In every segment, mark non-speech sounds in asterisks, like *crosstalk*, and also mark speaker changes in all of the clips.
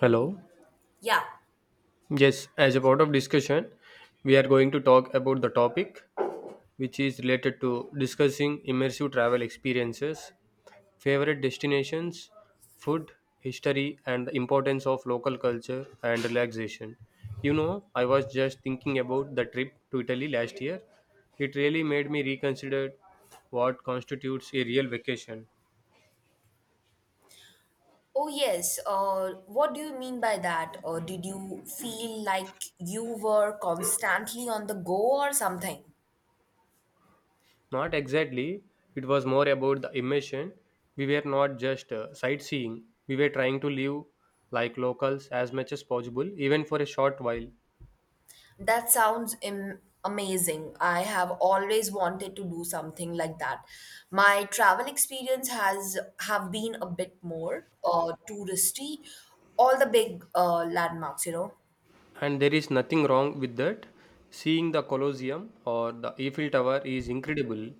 Speaker 1: Hello.
Speaker 2: Yeah.
Speaker 1: Yes, as a part of discussion, we are going to talk about the topic which is related to discussing immersive travel experiences, favorite destinations, food, history, and the importance of local culture and relaxation. You know, I was just thinking about the trip to Italy last year. It really made me reconsider what constitutes a real vacation.
Speaker 2: Oh, yes. What do you mean by that? Or did you feel like you were constantly on the go or something?
Speaker 1: Not exactly. It was more about the immersion. We were not just sightseeing. We were trying to live like locals as much as possible, even for a short while.
Speaker 2: That sounds amazing. I have always wanted to do something like that. My travel experience has have been a bit more touristy. All the big landmarks, you know.
Speaker 1: And there is nothing wrong with that. Seeing the Colosseum or the Eiffel Tower is incredible,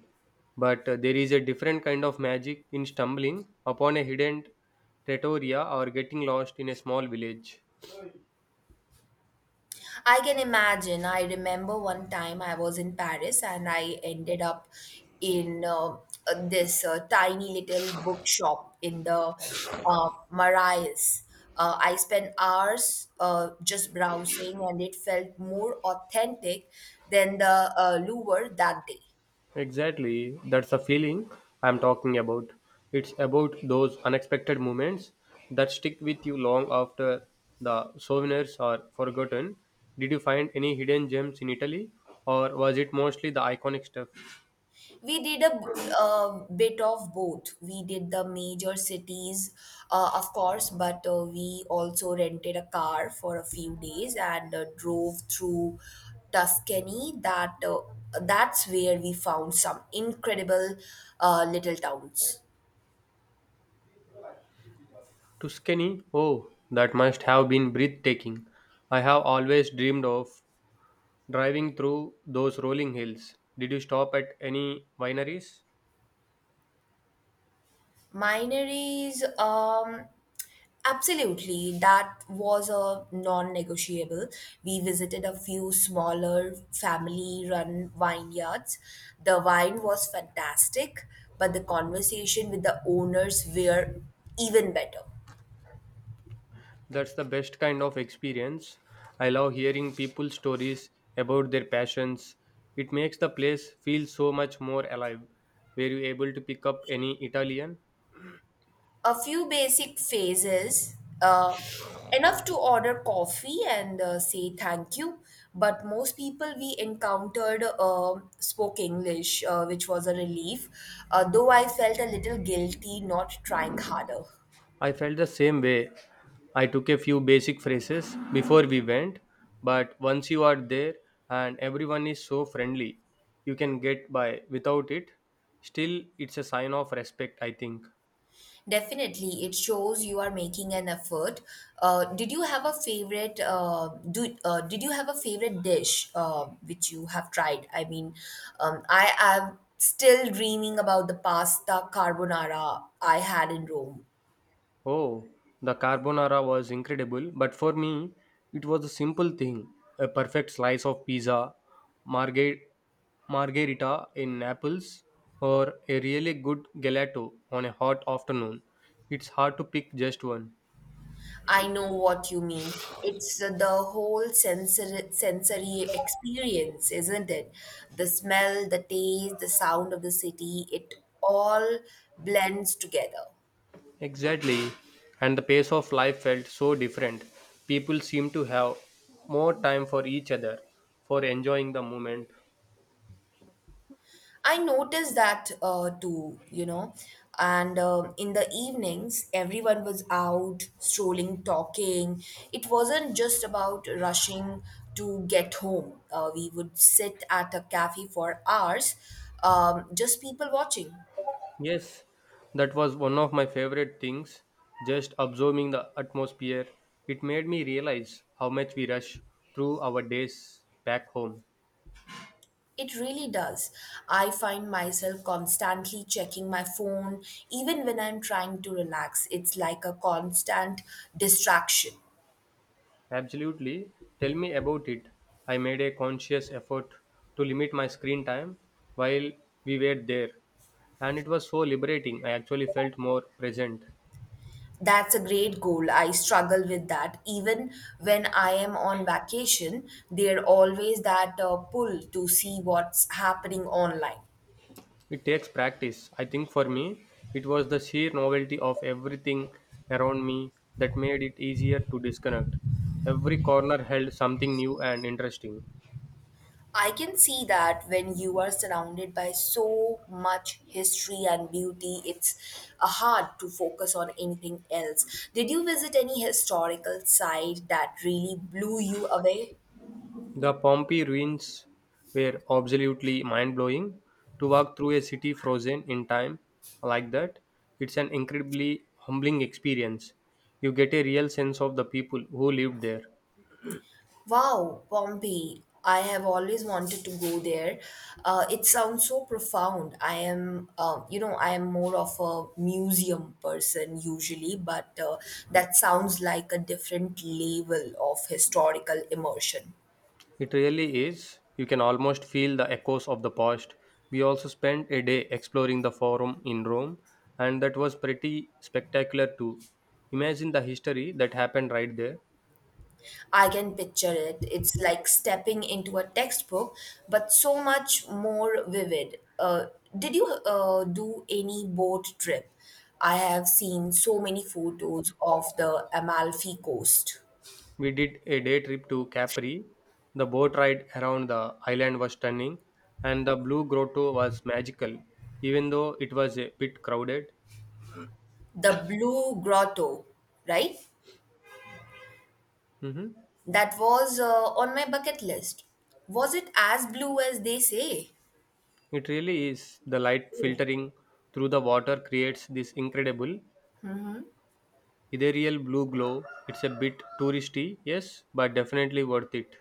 Speaker 1: but there is a different kind of magic in stumbling upon a hidden trattoria or getting lost in a small village.
Speaker 2: I can imagine. I remember one time I was in Paris and I ended up in this tiny little bookshop in the Marais. I spent hours just browsing, and it felt more authentic than the Louvre that day.
Speaker 1: Exactly, that's the feeling I'm talking about. It's about those unexpected moments that stick with you long after the souvenirs are forgotten. Did you find any hidden gems in Italy, or was it mostly the iconic stuff?
Speaker 2: We did bit of both. We did the major cities, of course, but we also rented a car for a few days and drove through Tuscany. That's where we found some incredible little towns.
Speaker 1: Tuscany, oh, that must have been breathtaking. I have always dreamed of driving through those rolling hills. Did you stop at any wineries?
Speaker 2: Mine is Absolutely, that was a non negotiable. We visited a few smaller family run vineyards. The wine was fantastic, but the conversation with the owners were even better.
Speaker 1: That's the best kind of experience. I love hearing people's stories about their passions. It makes the place feel so much more alive. Were you able to pick up any Italian?
Speaker 2: A few basic phases, enough to order coffee and say thank you. But most people we encountered spoke English, which was a relief, though I felt a little guilty not trying harder.
Speaker 1: I felt the same way. I took a few basic phrases before we went, but once you are there and everyone is so friendly, you can get by without it. Still, it's a sign of respect, I think.
Speaker 2: Definitely, it shows you are making an effort. Did you have a favorite? Do did you have a favorite dish which you have tried? I am still dreaming about the pasta carbonara I had in Rome.
Speaker 1: Oh, the carbonara was incredible, but for me, it was a simple thing, a perfect slice of pizza, marghe- margherita in Naples, or a really good gelato on a hot afternoon. It's hard to pick just one.
Speaker 2: I know what you mean. It's the whole sensory experience, isn't it? The smell, the taste, the sound of the city. It all blends together.
Speaker 1: Exactly, and the pace of life felt so different. People seemed to have more time for each other, for enjoying the moment.
Speaker 2: I noticed that too, you know. And in the evenings, everyone was out, strolling, talking. It wasn't just about rushing to get home. We would sit at a cafe for hours, just people watching.
Speaker 1: Yes, that was one of my favorite things. Just absorbing the atmosphere, it made me realize how much we rush through our days back home.
Speaker 2: It really does. I find myself constantly checking my phone, even when I'm trying to relax. It's like a constant distraction.
Speaker 1: Absolutely. Tell me about it. I made a conscious effort to limit my screen time while we were there, and it was so liberating. I actually felt more present.
Speaker 2: That's a great goal. I struggle with that. Even when I am on vacation, there always that pull to see what's happening online.
Speaker 1: It takes practice. I think for me, it was the sheer novelty of everything around me that made it easier to disconnect. Every corner held something new and interesting.
Speaker 2: I can see that. When you are surrounded by so much history and beauty, it's hard to focus on anything else. Did you visit any historical site that really blew you away?
Speaker 1: The Pompeii ruins were absolutely mind blowing. To walk through a city frozen in time like that, it's an incredibly humbling experience. You get a real sense of the people who lived there.
Speaker 2: Wow, Pompeii. I have always wanted to go there. It sounds so profound. You know, I am more of a museum person usually, but that sounds like a different level of historical immersion.
Speaker 1: It really is. You can almost feel the echoes of the past. We also spent a day exploring the Forum in Rome, and that was pretty spectacular too. Imagine the history that happened right there.
Speaker 2: I can picture it. It's like stepping into a textbook, but so much more vivid. Did you do any boat trip? I have seen so many photos of the Amalfi Coast.
Speaker 1: We did a day trip to Capri. The boat ride around the island was stunning, and the Blue Grotto was magical, even though it was a bit crowded.
Speaker 2: The Blue Grotto, right?
Speaker 1: Mhm.
Speaker 2: That was on my bucket list. Was it as blue as they say?
Speaker 1: It really is. The light
Speaker 2: Oh,
Speaker 1: filtering through the water creates this incredible ethereal blue glow. It's a bit touristy, yes, but definitely worth it.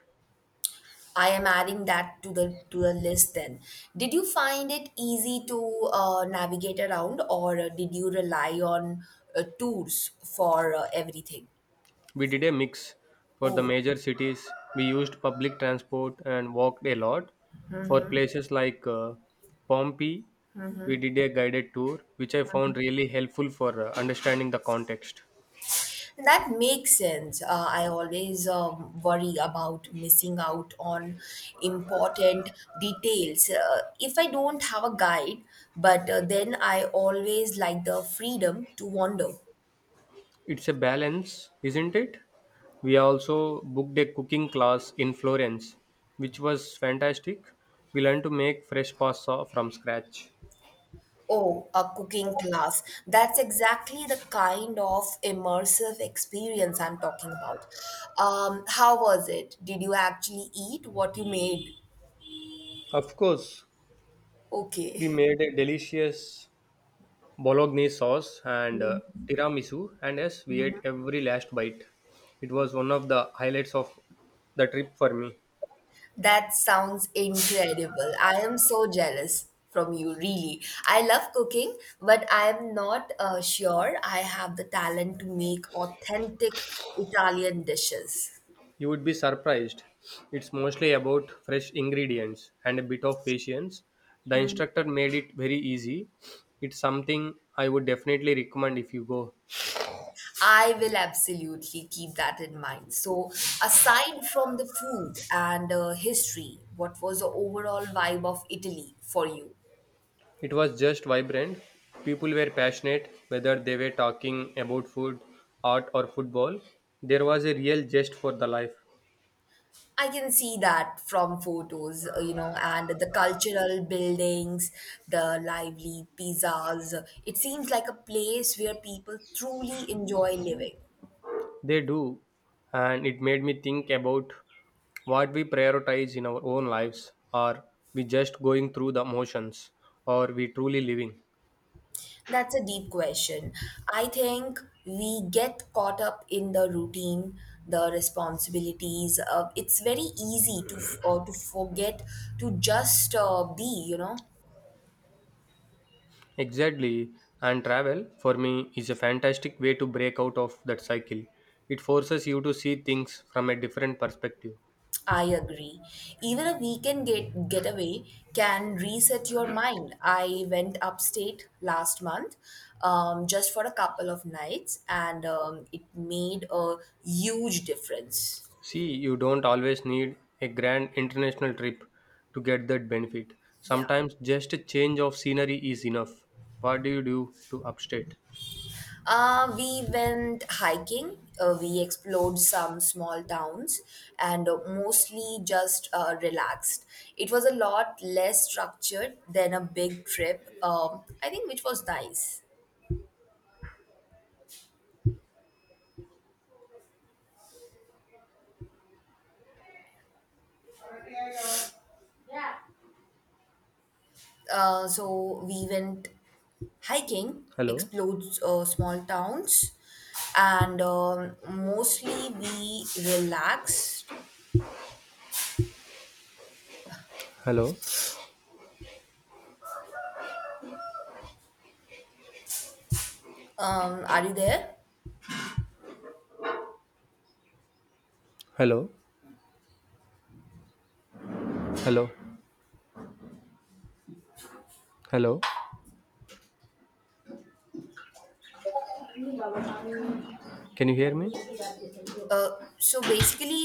Speaker 2: I am adding that to the list then. Did you find it easy to navigate around, or did you rely on tours for everything?
Speaker 1: We did a mix. For the
Speaker 2: Oh.
Speaker 1: major cities we used public transport and walked a lot. For places like Pompeii we did a guided tour, which I found really helpful for understanding the context.
Speaker 2: That makes sense. I always worry about missing out on important details. If I don't have a guide, but then I always like the freedom to wander.
Speaker 1: It's a balance, isn't it? We also booked a cooking class in Florence, which was fantastic. We learned to make fresh pasta from scratch.
Speaker 2: Oh, a cooking class. That's exactly the kind of immersive experience I'm talking about. How was it? Did you actually eat what you made?
Speaker 1: Of course. We
Speaker 2: Okay. *laughs*
Speaker 1: made a delicious bolognese sauce and tiramisu, and yes, we ate every last bite. It was one of the highlights of the trip for me.
Speaker 2: That sounds incredible. I am so jealous from you, really. I love cooking, but I am not sure I have the talent to make authentic Italian dishes.
Speaker 1: You would be surprised. It's mostly about fresh ingredients and a bit of patience. The instructor made it very easy. It's something I would definitely recommend if you go.
Speaker 2: I will absolutely keep that in mind. So, aside from the food and history, what was the overall vibe of Italy for you?
Speaker 1: It was just vibrant. People were passionate, whether they were talking about food, art, or football. There was a real zest for the life.
Speaker 2: I can see that from photos, you know, and the cultural buildings, the lively pizzas. It seems like a place where people truly enjoy living.
Speaker 1: They do, and it made me think about what we prioritize in our own lives. Are we just going through the motions? Or we truly living?
Speaker 2: That's a deep question. I think we get caught up in the routine, the responsibilities. It's very easy to to forget to just be, you know.
Speaker 1: Exactly, and travel for me is a fantastic way to break out of that cycle. It forces you to see things from a different perspective.
Speaker 2: I agree. Even a weekend getaway can reset your mind. I went upstate last month, just for a couple of nights, and it made a huge difference.
Speaker 1: See, you don't always need a grand international trip to get that benefit.
Speaker 2: Yeah.
Speaker 1: Sometimes just a change of scenery is enough. What do you do to upstate?
Speaker 2: We went hiking. We explored some small towns and mostly just relaxed. It was a lot less structured than a big trip, I think, which was nice. So we went hiking,
Speaker 1: Hello?
Speaker 2: explodes small towns, and mostly we relaxed.
Speaker 1: Hello?
Speaker 2: Are you there?
Speaker 1: Hello, hello, hello. Can you hear me?
Speaker 2: Uh, so basically,